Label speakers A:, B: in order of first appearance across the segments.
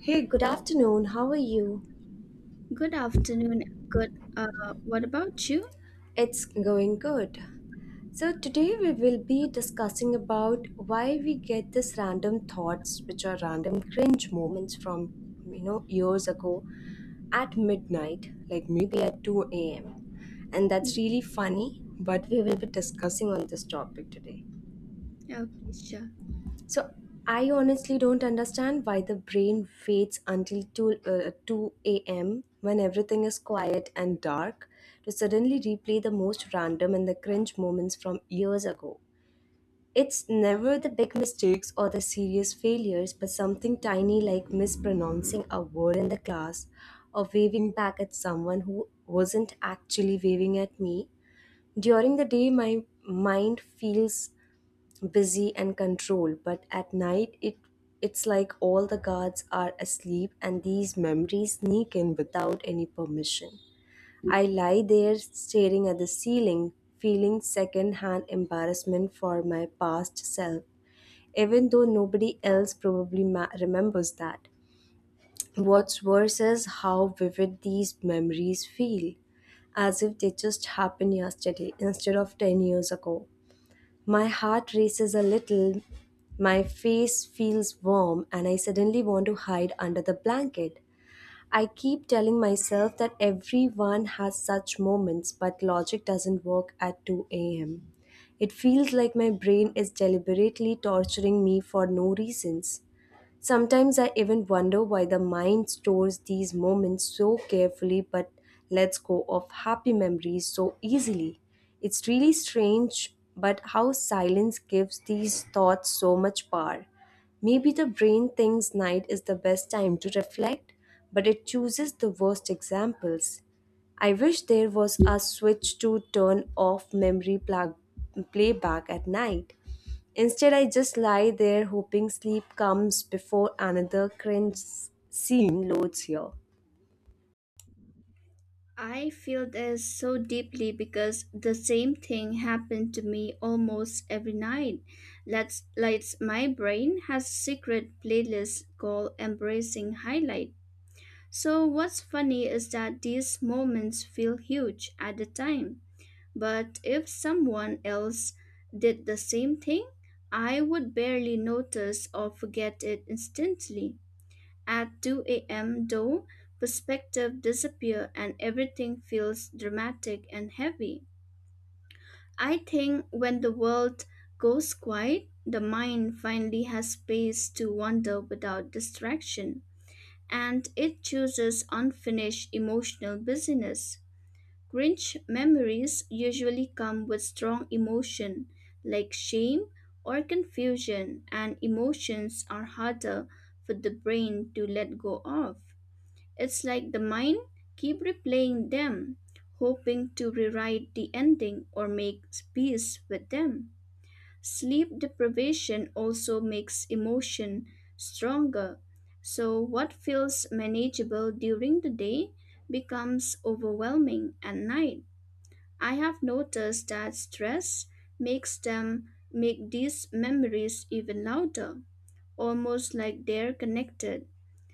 A: Hey, good afternoon. How are you?
B: Good afternoon. Good. What about you?
A: It's going good. So today we will be discussing about why we get this random thoughts which are random cringe moments from years ago at midnight, like maybe at 2 a.m. And that's really funny, but we will be discussing on this topic today.
B: Okay, sure.
A: So I honestly don't understand why the brain waits until 2 a.m. when everything is quiet and dark to suddenly replay the most random and the cringe moments from years ago. It's never the big mistakes or the serious failures, but something tiny like mispronouncing a word in the class or waving back at someone who wasn't actually waving at me. During the day, my mind feels busy and controlled, but at night it's like all the guards are asleep and these memories sneak in without any permission. I lie there staring at the ceiling, feeling second-hand embarrassment for my past self, even though nobody else probably remembers that. What's worse is how vivid these memories feel, as if they just happened yesterday instead of 10 years ago. My heart races a little, my face feels warm, and I suddenly want to hide under the blanket. I keep telling myself that everyone has such moments, but logic doesn't work at 2 a.m. It feels like my brain is deliberately torturing me for no reasons. Sometimes I even wonder why the mind stores these moments so carefully but lets go of happy memories so easily. It's really strange, but how silence gives these thoughts so much power. Maybe the brain thinks night is the best time to reflect, but it chooses the worst examples. I wish there was a switch to turn off memory playback at night. Instead, I just lie there hoping sleep comes before another cringe scene loads here.
B: I feel this so deeply because the same thing happened to me almost every night. Let's, my brain has a secret playlist called Embracing Highlight. So what's funny is that these moments feel huge at the time. But if someone else did the same thing, I would barely notice or forget it instantly. At 2 a.m., though, perspective disappears and everything feels dramatic and heavy. I think when the world goes quiet, the mind finally has space to wander without distraction, and it chooses unfinished emotional busyness. Grinch memories usually come with strong emotion, like shame or confusion, and emotions are harder for the brain to let go of. It's like the mind keep replaying them, hoping to rewrite the ending or make peace with them. Sleep deprivation also makes emotion stronger. So what feels manageable during the day becomes overwhelming at night. I have noticed that stress makes them make these memories even louder, almost like they're connected.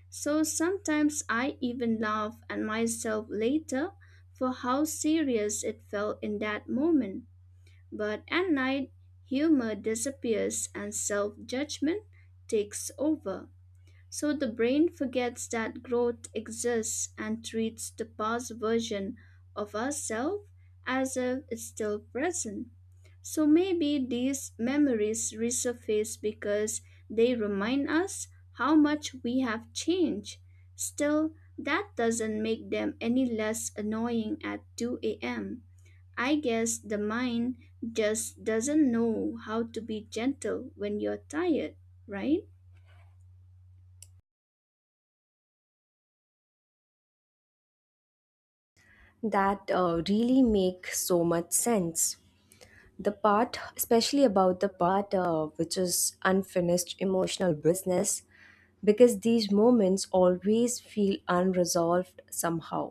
B: So sometimes I even laugh at myself later for how serious it felt in that moment. But at night, humor disappears and self judgment takes over. So the brain forgets that growth exists and treats the past version of ourselves as if it's still present. So maybe these memories resurface because they remind us how much we have changed. Still, that doesn't make them any less annoying at 2 a.m. I guess the mind just doesn't know how to be gentle when you're tired, right?
A: That really makes so much sense. The part, especially about the part, which is unfinished emotional business, because these moments always feel unresolved somehow.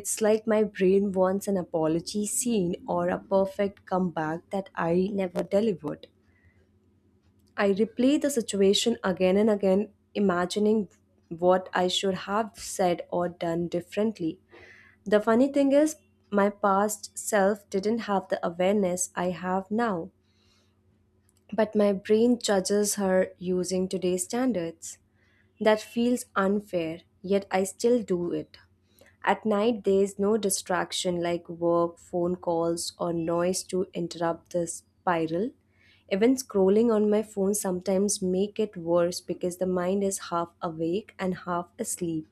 A: It's like my brain wants an apology scene or a perfect comeback that I never delivered. I replay the situation again and again, imagining what I should have said or done differently. The funny thing is, my past self didn't have the awareness I have now, but my brain judges her using today's standards. That feels unfair, yet I still do it. At night, there's no distraction like work, phone calls, or noise to interrupt the spiral. Even scrolling on my phone sometimes make it worse because the mind is half awake and half asleep.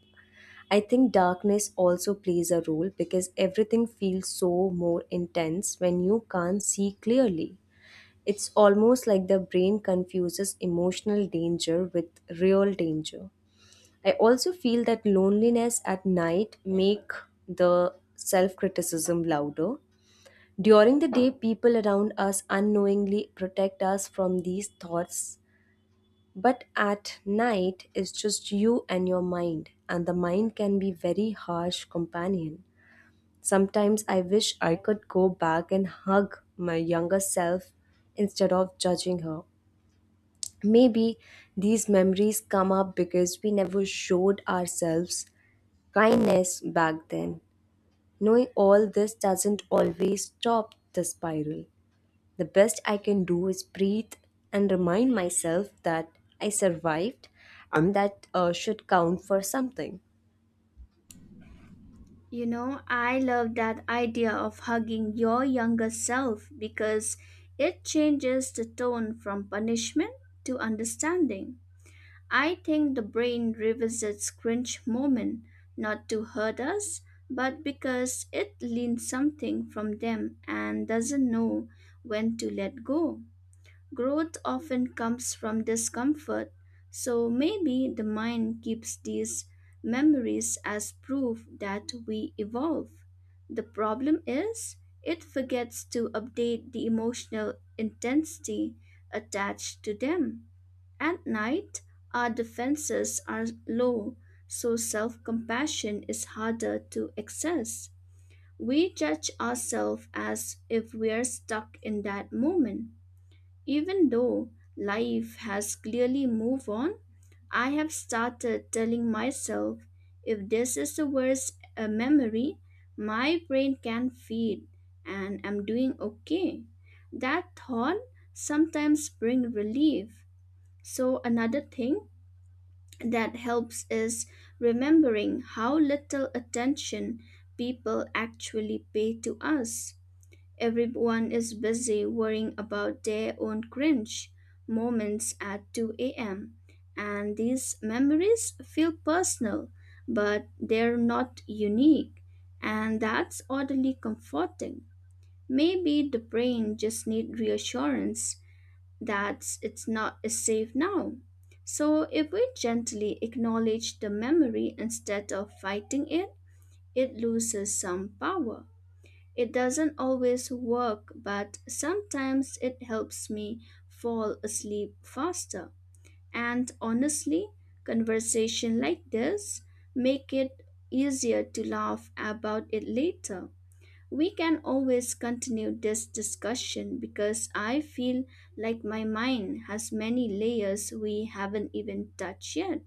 A: I think darkness also plays a role because everything feels so more intense when you can't see clearly. It's almost like the brain confuses emotional danger with real danger. I also feel that loneliness at night make the self-criticism louder. During the day people around us unknowingly protect us from these thoughts, but at night it's just you and your mind, and the mind can be very harsh companion. Sometimes I wish I could go back and hug my younger self instead of judging her. Maybe these memories come up because we never showed ourselves kindness back then. Knowing all this doesn't always stop the spiral. The best I can do is breathe and remind myself that I survived, and that should count for something.
B: You know, I love that idea of hugging your younger self because it changes the tone from punishment to understanding. I think the brain revisits cringe moment not to hurt us, but because it learns something from them and doesn't know when to let go. Growth often comes from discomfort, so maybe the mind keeps these memories as proof that we evolve. The problem is, it forgets to update the emotional intensity attached to them. At night, our defenses are low, so self compassion is harder to access. We judge ourselves as if we are stuck in that moment even though life has clearly moved on. I have started telling myself if this is the worst memory my brain can feed and I'm doing okay. That thought sometimes brings relief. So another thing that helps is remembering how little attention people actually pay to us. Everyone is busy worrying about their own cringe moments at 2 a.m. And these memories feel personal, but they're not unique. And that's oddly comforting. Maybe the brain just needs reassurance that it's not is safe now. So if we gently acknowledge the memory instead of fighting it, it loses some power. It doesn't always work, but sometimes it helps me fall asleep faster. And honestly, conversation like this make it easier to laugh about it later. We can always continue this discussion because I feel like my mind has many layers we haven't even touched yet.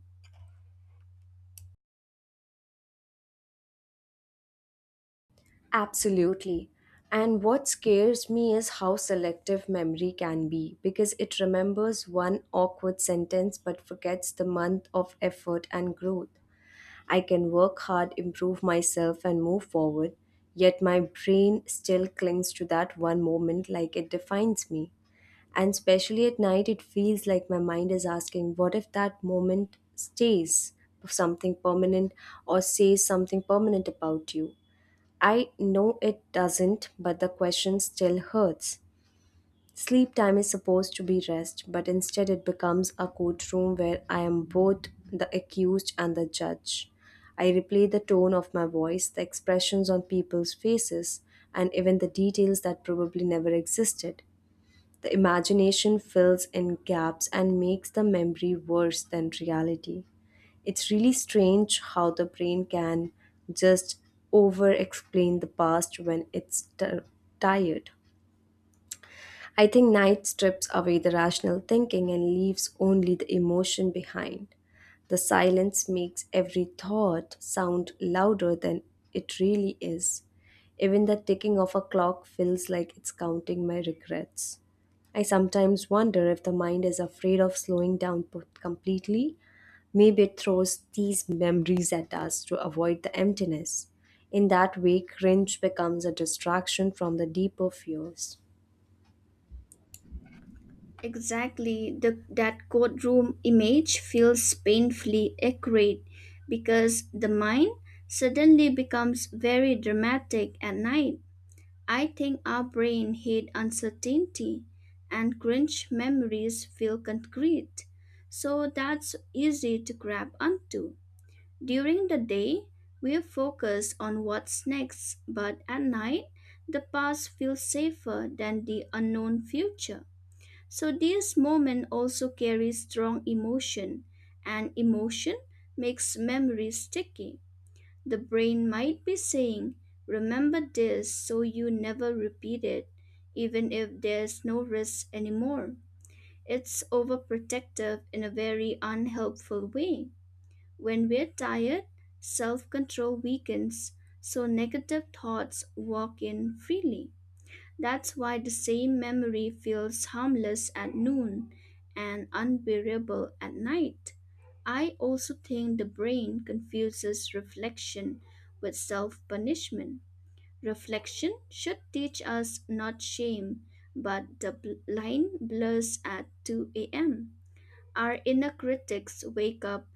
A: Absolutely. And what scares me is how selective memory can be because it remembers one awkward sentence but forgets the month of effort and growth. I can work hard, improve myself, and move forward, yet my brain still clings to that one moment like it defines me. And especially at night, it feels like my mind is asking, what if that moment stays something permanent or says something permanent about you? I know it doesn't, but the question still hurts. Sleep time is supposed to be rest, but instead it becomes a courtroom where I am both the accused and the judge. I replay the tone of my voice, the expressions on people's faces, and even the details that probably never existed. The imagination fills in gaps and makes the memory worse than reality. It's really strange how the brain can just over explain the past when it's tired. I think night strips away the rational thinking and leaves only the emotion behind. The silence makes every thought sound louder than it really is. Even the ticking of a clock feels like it's counting my regrets. I sometimes wonder if the mind is afraid of slowing down completely. Maybe it throws these memories at us to avoid the emptiness. In that way, cringe becomes a distraction from the deeper fears.
B: Exactly, that courtroom image feels painfully accurate because the mind suddenly becomes very dramatic at night. I think our brain hates uncertainty and cringe memories feel concrete, so that's easy to grab onto. During the day, we focus on what's next, but at night, the past feels safer than the unknown future. So this moment also carries strong emotion, and emotion makes memory sticky. The brain might be saying, "Remember this so you never repeat it," even if there's no risk anymore. It's overprotective in a very unhelpful way. When we're tired, self control weakens, so negative thoughts walk in freely. That's why the same memory feels harmless at noon and unbearable at night. I also think the brain confuses reflection with self punishment. Reflection should teach us not shame, but the line blurs at 2 a.m. Our inner critics wake up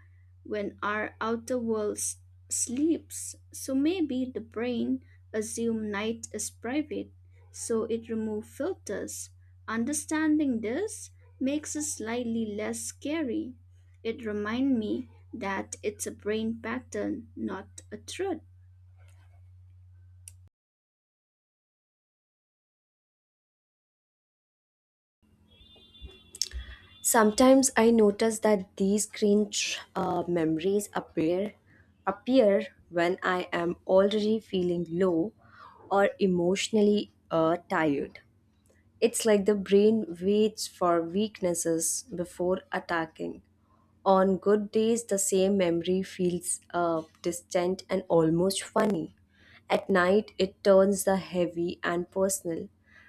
B: when our outer world sleeps, so maybe the brain assumes night is private, so it removes filters. Understanding this makes it slightly less scary. It reminds me that it's a brain pattern, not a truth.
A: Sometimes I notice that these cringe memories appear when I am already feeling low or emotionally tired. It's like the brain waits for weaknesses before attacking. On good days, the same memory feels distant and almost funny. At night, it turns the heavy and personal.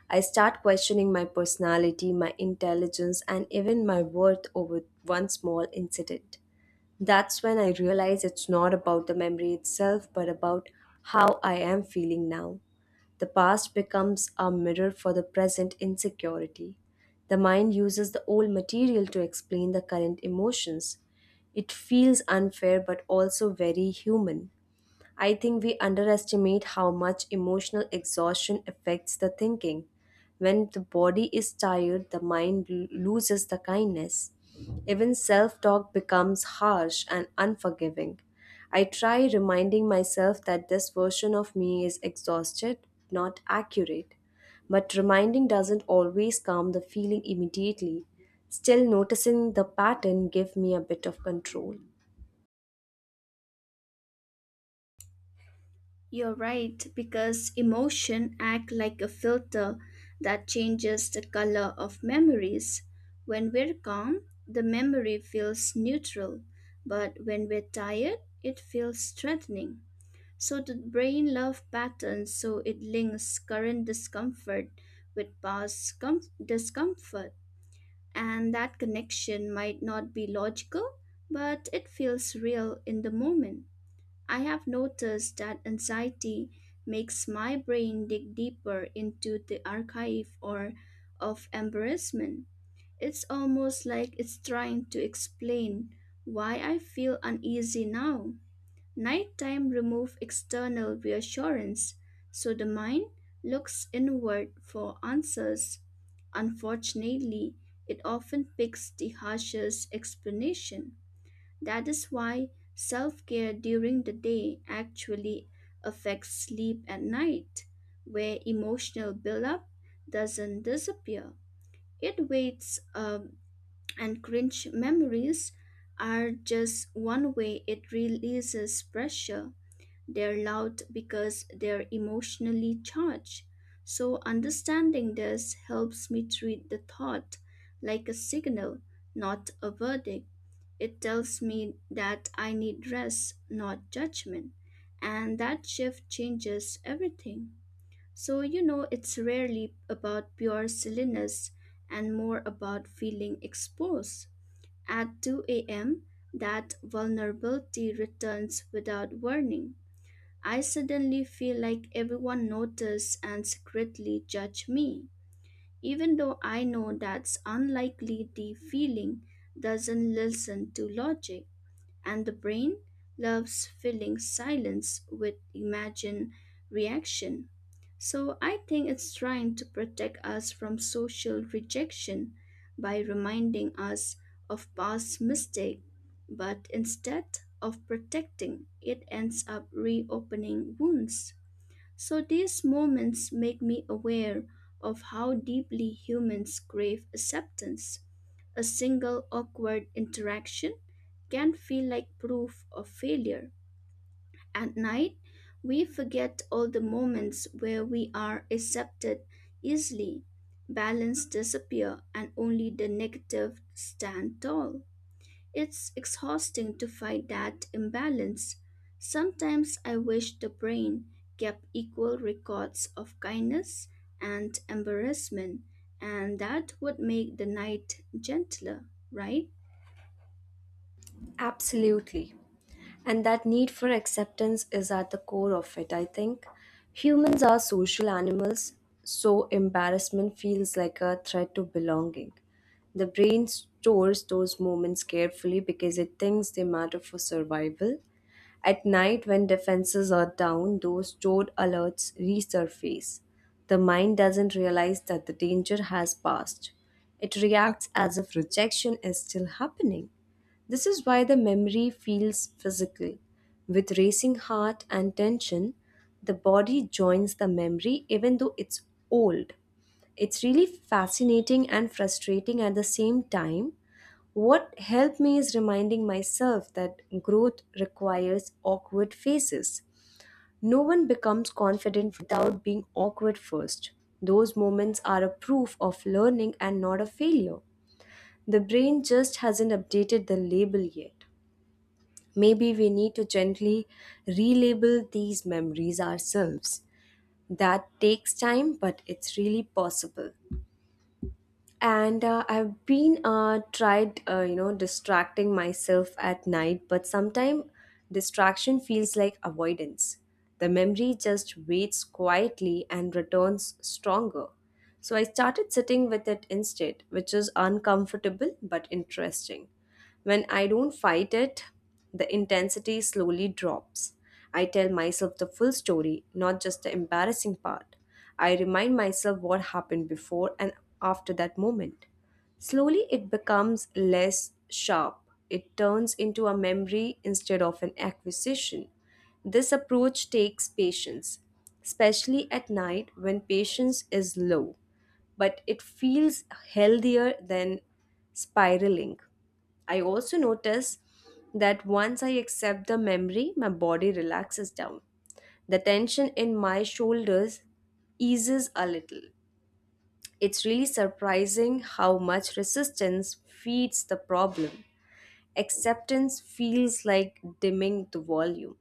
A: I start questioning my personality, my intelligence, and even my worth over one small incident. That's when I realize it's not about the memory itself, but about how I am feeling now. The past becomes a mirror for the present insecurity. The mind uses the old material to explain the current emotions. It feels unfair but also very human. I think we underestimate how much emotional exhaustion affects the thinking. When the body is tired, the mind loses the kindness. Even self talk becomes harsh and unforgiving. I try reminding myself that this version of me is exhausted, not accurate. But reminding doesn't always calm the feeling immediately. Still, noticing the pattern gives me a bit of control.
B: You're right, because emotion act like a filter that changes the color of memories. When we're calm, the memory feels neutral, but when we're tired, it feels threatening. So the brain love patterns, so it links current discomfort with discomfort, and that connection might not be logical, but it feels real in the moment. I have noticed that anxiety makes my brain dig deeper into the archive or of embarrassment. It's almost like it's trying to explain why I feel uneasy now. Nighttime remove external reassurance, so the mind looks inward for answers. Unfortunately, it often picks the harshest explanation. That is why self care during the day actually affects sleep at night, where emotional buildup doesn't disappear. It waits, and cringe memories are just one way it releases pressure. They're loud because they're emotionally charged. So, understanding this helps me treat the thought like a signal, not a verdict. It tells me that I need rest, not judgment. And that shift changes everything. So, you know, it's rarely about pure silliness and more about feeling exposed. At 2 a.m., that vulnerability returns without warning. I suddenly feel like everyone noticed and secretly judge me. Even though I know that's unlikely, the feeling doesn't listen to logic. And the brain loves filling silence with imagined reaction. So I think it's trying to protect us from social rejection by reminding us of past mistakes, but instead of protecting, it ends up reopening wounds. So these moments make me aware of how deeply humans crave acceptance. A single awkward interaction can feel like proof of failure. At night, we forget all the moments where we are accepted easily. Balance disappear and only the negative stand tall. It's exhausting to fight that imbalance. Sometimes I wish the brain kept equal records of kindness and embarrassment, and that would make the night gentler, right?
A: Absolutely. And that need for acceptance is at the core of it, I think. Humans are social animals, so embarrassment feels like a threat to belonging. The brain stores those moments carefully because it thinks they matter for survival. At night, when defenses are down, those stored alerts resurface. The mind doesn't realize that the danger has passed. It reacts as if rejection is still happening. This is why the memory feels physical. With racing heart and tension, the body joins the memory even though it's old. It's really fascinating and frustrating at the same time. What helped me is reminding myself that growth requires awkward phases. No one becomes confident without being awkward first. Those moments are a proof of learning and not a failure. The brain just hasn't updated the label yet. Maybe we need to gently relabel these memories ourselves. That takes time, but it's really possible. And I've been tried distracting myself at night, but sometimes distraction feels like avoidance. The memory just waits quietly and returns stronger. So I started sitting with it instead, which is uncomfortable but interesting. When I don't fight it, the intensity slowly drops. I tell myself the full story, not just the embarrassing part. I remind myself what happened before and after that moment. Slowly, it becomes less sharp. It turns into a memory instead of an acquisition. This approach takes patience, especially at night when patience is low, but it feels healthier than spiraling. I also notice that once I accept the memory, my body relaxes down. The tension in my shoulders eases a little. It's really surprising how much resistance feeds the problem. Acceptance feels like dimming the volume.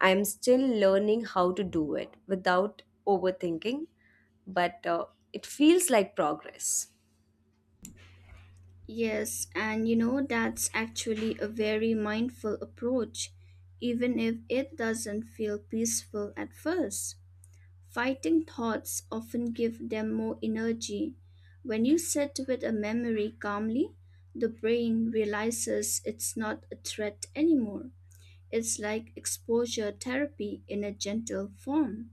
A: I'm still learning how to do it without overthinking, but it feels like progress.
B: Yes, and you know, that's actually a very mindful approach, even if it doesn't feel peaceful at first. Fighting thoughts often give them more energy. When you sit with a memory calmly, the brain realizes it's not a threat anymore. It's like exposure therapy in a gentle form.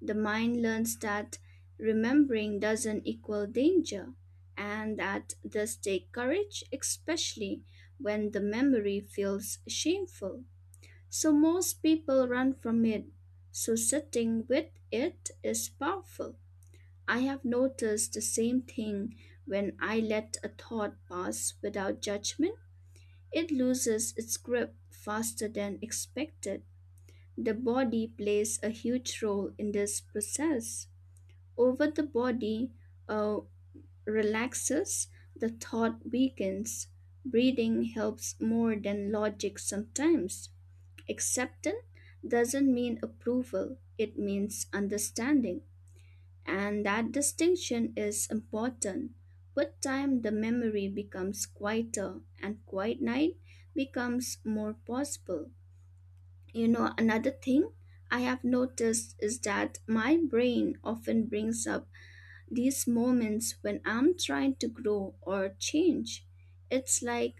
B: The mind learns that remembering doesn't equal danger and that does take courage, especially when the memory feels shameful. So most people run from it. So sitting with it is powerful. I have noticed the same thing when I let a thought pass without judgment. It loses its grip faster than expected. The body plays a huge role in this process over the body uh, relaxes, the thought weakens. Breathing helps more than logic sometimes. Acceptance doesn't mean approval, it means understanding. And that distinction is important. With time, the memory becomes quieter, and quiet night becomes more possible. You know, another thing I have noticed is that my brain often brings up these moments when I'm trying to grow or change, it's like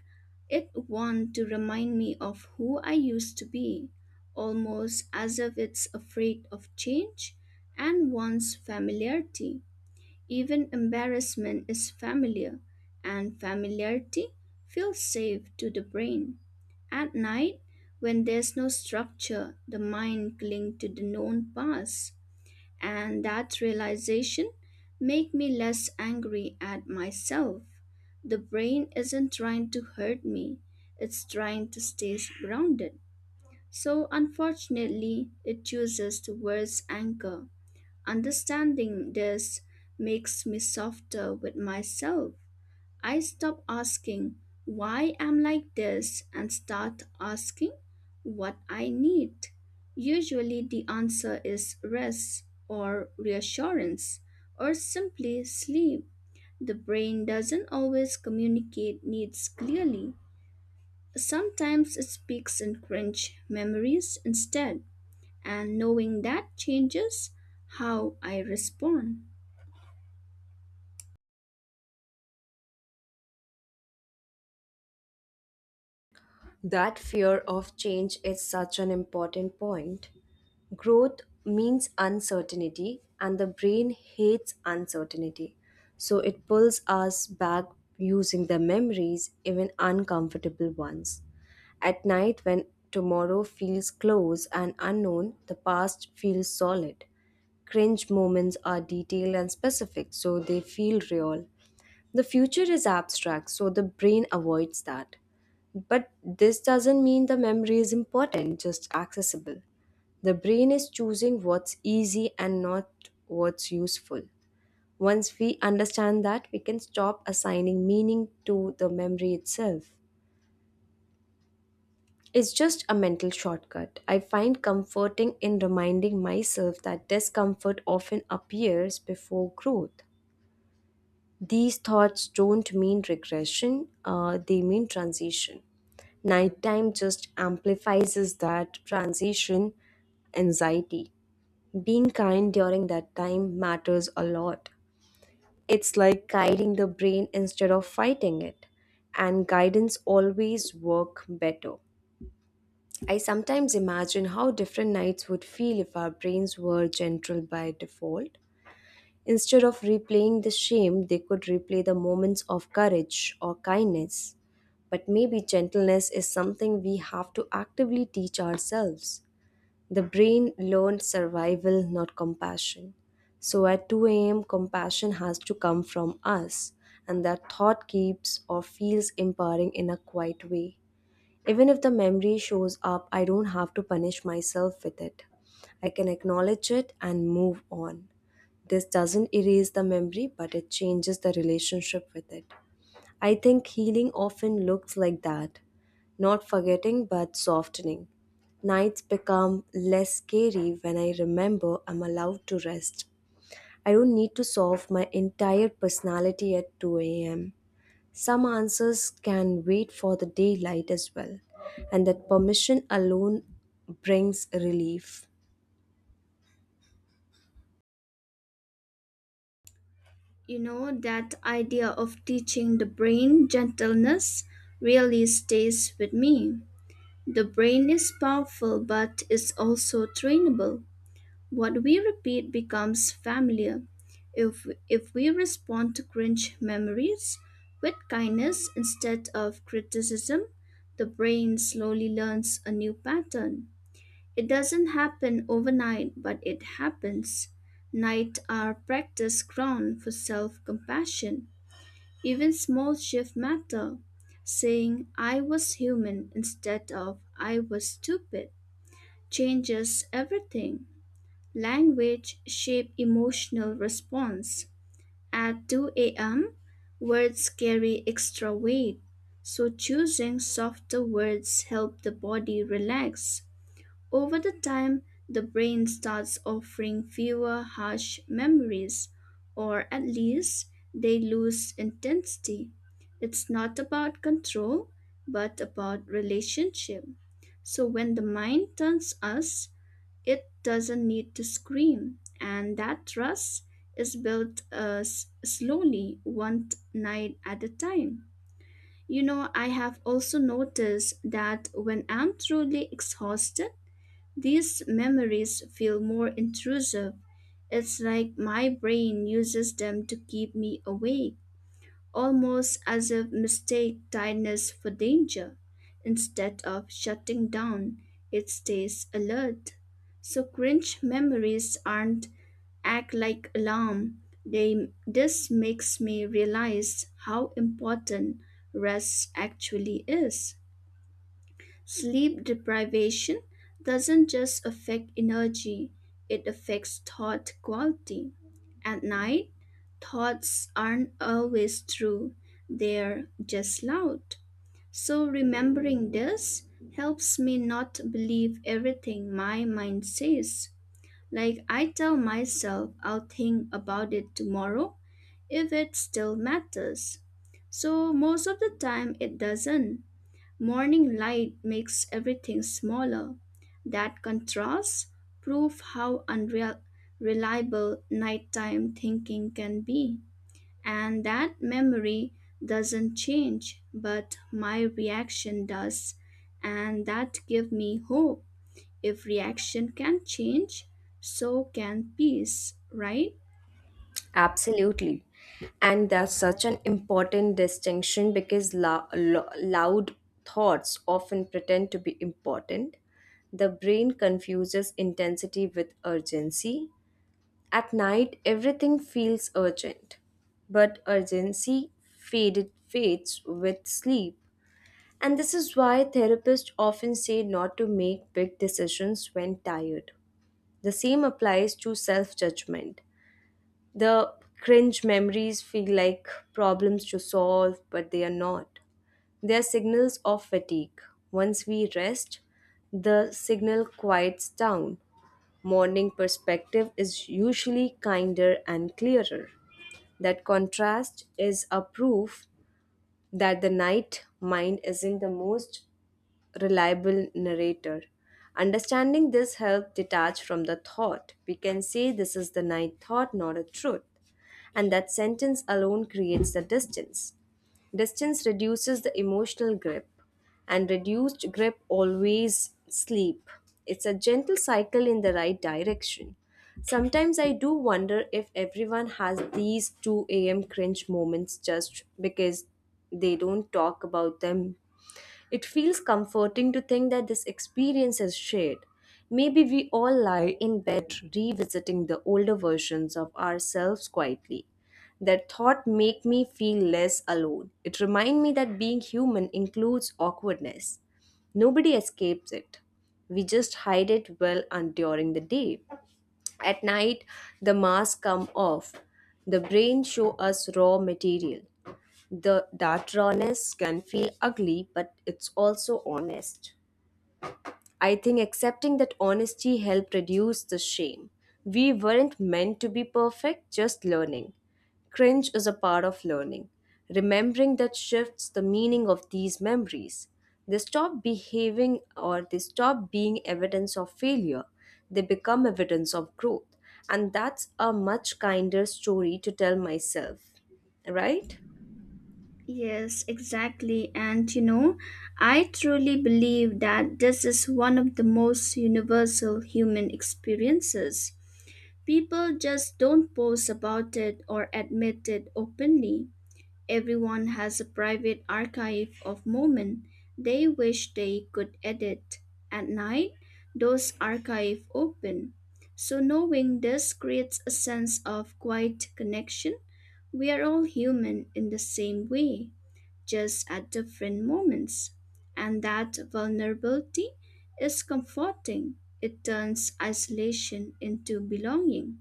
B: it wants to remind me of who I used to be, almost as if it's afraid of change and wants familiarity. Even embarrassment is familiar, and familiarity feels safe to the brain. At night, when there's no structure, the mind clings to the known past, and that realization make me less angry at myself. The brain isn't trying to hurt me, it's trying to stay grounded. So unfortunately, it chooses the worst anchor. Understanding this makes me softer with myself. I stop asking why I'm like this and start asking what I need. Usually, the answer is rest or reassurance or simply sleep. The brain doesn't always communicate needs clearly. Sometimes it speaks in cringe memories instead, and knowing that changes how I respond.
A: That fear of change is such an important point. Growth means uncertainty, and the brain hates uncertainty. So it pulls us back using the memories, even uncomfortable ones. At night, when tomorrow feels close and unknown, the past feels solid. Cringe moments are detailed and specific, so they feel real. The future is abstract, so the brain avoids that. But this doesn't mean the memory is important, just accessible. The brain is choosing what's easy and not what's useful. Once we understand that, we can stop assigning meaning to the memory itself. It's just a mental shortcut. I find comforting in reminding myself that discomfort often appears before growth. These thoughts don't mean regression, they mean transition. Nighttime just amplifies that transition anxiety. Being kind during that time matters a lot. It's like guiding the brain instead of fighting it. And guidance always work better. I sometimes imagine how different nights would feel if our brains were gentle by default. Instead of replaying the shame, they could replay the moments of courage or kindness. But maybe gentleness is something we have to actively teach ourselves. The brain learned survival, not compassion. So at 2 a.m., compassion has to come from us, and that thought keeps or feels empowering in a quiet way. Even if the memory shows up, I don't have to punish myself with it. I can acknowledge it and move on. This doesn't erase the memory, but it changes the relationship with it. I think healing often looks like that, not forgetting, but softening. Nights become less scary when I remember I'm allowed to rest. I don't need to solve my entire personality at 2 a.m. Some answers can wait for the daylight as well, and that permission alone brings relief.
B: You know, that idea of teaching the brain gentleness really stays with me. The brain is powerful, but it's also trainable. What we repeat becomes familiar. If we respond to cringe memories with kindness instead of criticism, the brain slowly learns a new pattern. It doesn't happen overnight, but it happens. Nights are practice ground for self compassion. Even small shifts matter. Saying I was human instead of I was stupid changes everything. Language shape emotional response. At 2 a.m., words carry extra weight, so choosing softer words help the body relax. Over the time, the brain starts offering fewer harsh memories, or at least they lose intensity. It's not about control, but about relationship. So when the mind turns us, it doesn't need to scream, and that trust is built slowly, one night at a time. You know, I have also noticed that when I'm truly exhausted, these memories feel more intrusive. It's like my brain uses them to keep me awake, almost as if mistake tiredness for danger. Instead of shutting down, it stays alert. So cringe memories aren't act like alarm. They This makes me realize how important rest actually is. Sleep deprivation doesn't just affect energy, it affects thought quality. At night, thoughts aren't always true, they're just loud. So, remembering this helps me not believe everything my mind says. Like, I tell myself I'll think about it tomorrow if it still matters. So, most of the time, it doesn't. Morning light makes everything smaller. That contrasts prove how unreliable nighttime thinking can be. And that memory doesn't change, but my reaction does. And that gives me hope. If reaction can change, so can peace, right?
A: Absolutely. And that's such an important distinction because loud thoughts often pretend to be important. The brain confuses intensity with urgency. At night, everything feels urgent, but urgency faded fades with sleep. And this is why therapists often say not to make big decisions when tired. The same applies to self judgment. The cringe memories feel like problems to solve, but they are not. They are signals of fatigue. Once we rest, the signal quiets down. Morning perspective is usually kinder and clearer. That contrast is a proof that the night mind is in the most reliable narrator. Understanding this helps detach from the thought. We can say this is the ninth thought, not a truth. And that sentence alone creates the distance. Distance reduces the emotional grip, and reduced grip always sleep. It's a gentle cycle in the right direction. Sometimes I do wonder if everyone has these 2 a.m. cringe moments just because they don't talk about them. It feels comforting to think that this experience is shared. Maybe we all lie in bed revisiting the older versions of ourselves quietly. That thought make me feel less alone. It remind me that being human includes awkwardness. Nobody escapes it. We just hide it well and during the day. At night, the mask come off. The brain show us raw material. The that rawness can feel ugly, but it's also honest. I think accepting that honesty helped reduce the shame. We weren't meant to be perfect, just learning. Cringe is a part of learning. Remembering that shifts the meaning of these memories. They stop behaving or they stop being evidence of failure. They become evidence of growth. And that's a much kinder story to tell myself, right?
B: Yes, exactly. And you know, I truly believe that this is one of the most universal human experiences. People just don't post about it or admit it openly. Everyone has a private archive of moments they wish they could edit. At night, those archive open. So knowing this creates a sense of quiet connection. We are all human in the same way just at different moments. And that vulnerability is comforting. It turns isolation into belonging.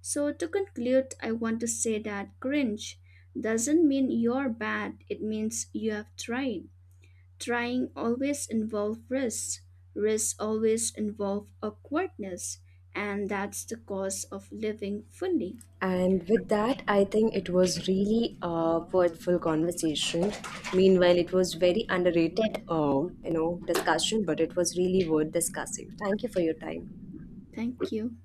B: So, to conclude, I want to say that cringe doesn't mean you're bad, it means you have tried. Trying always involves risks, risks always involve awkwardness, and that's the cost of living fully.
A: And with that, I think it was really a worthwhile conversation. Meanwhile, it was very underrated, discussion, but it was really worth discussing. Thank you for your time.
B: Thank you.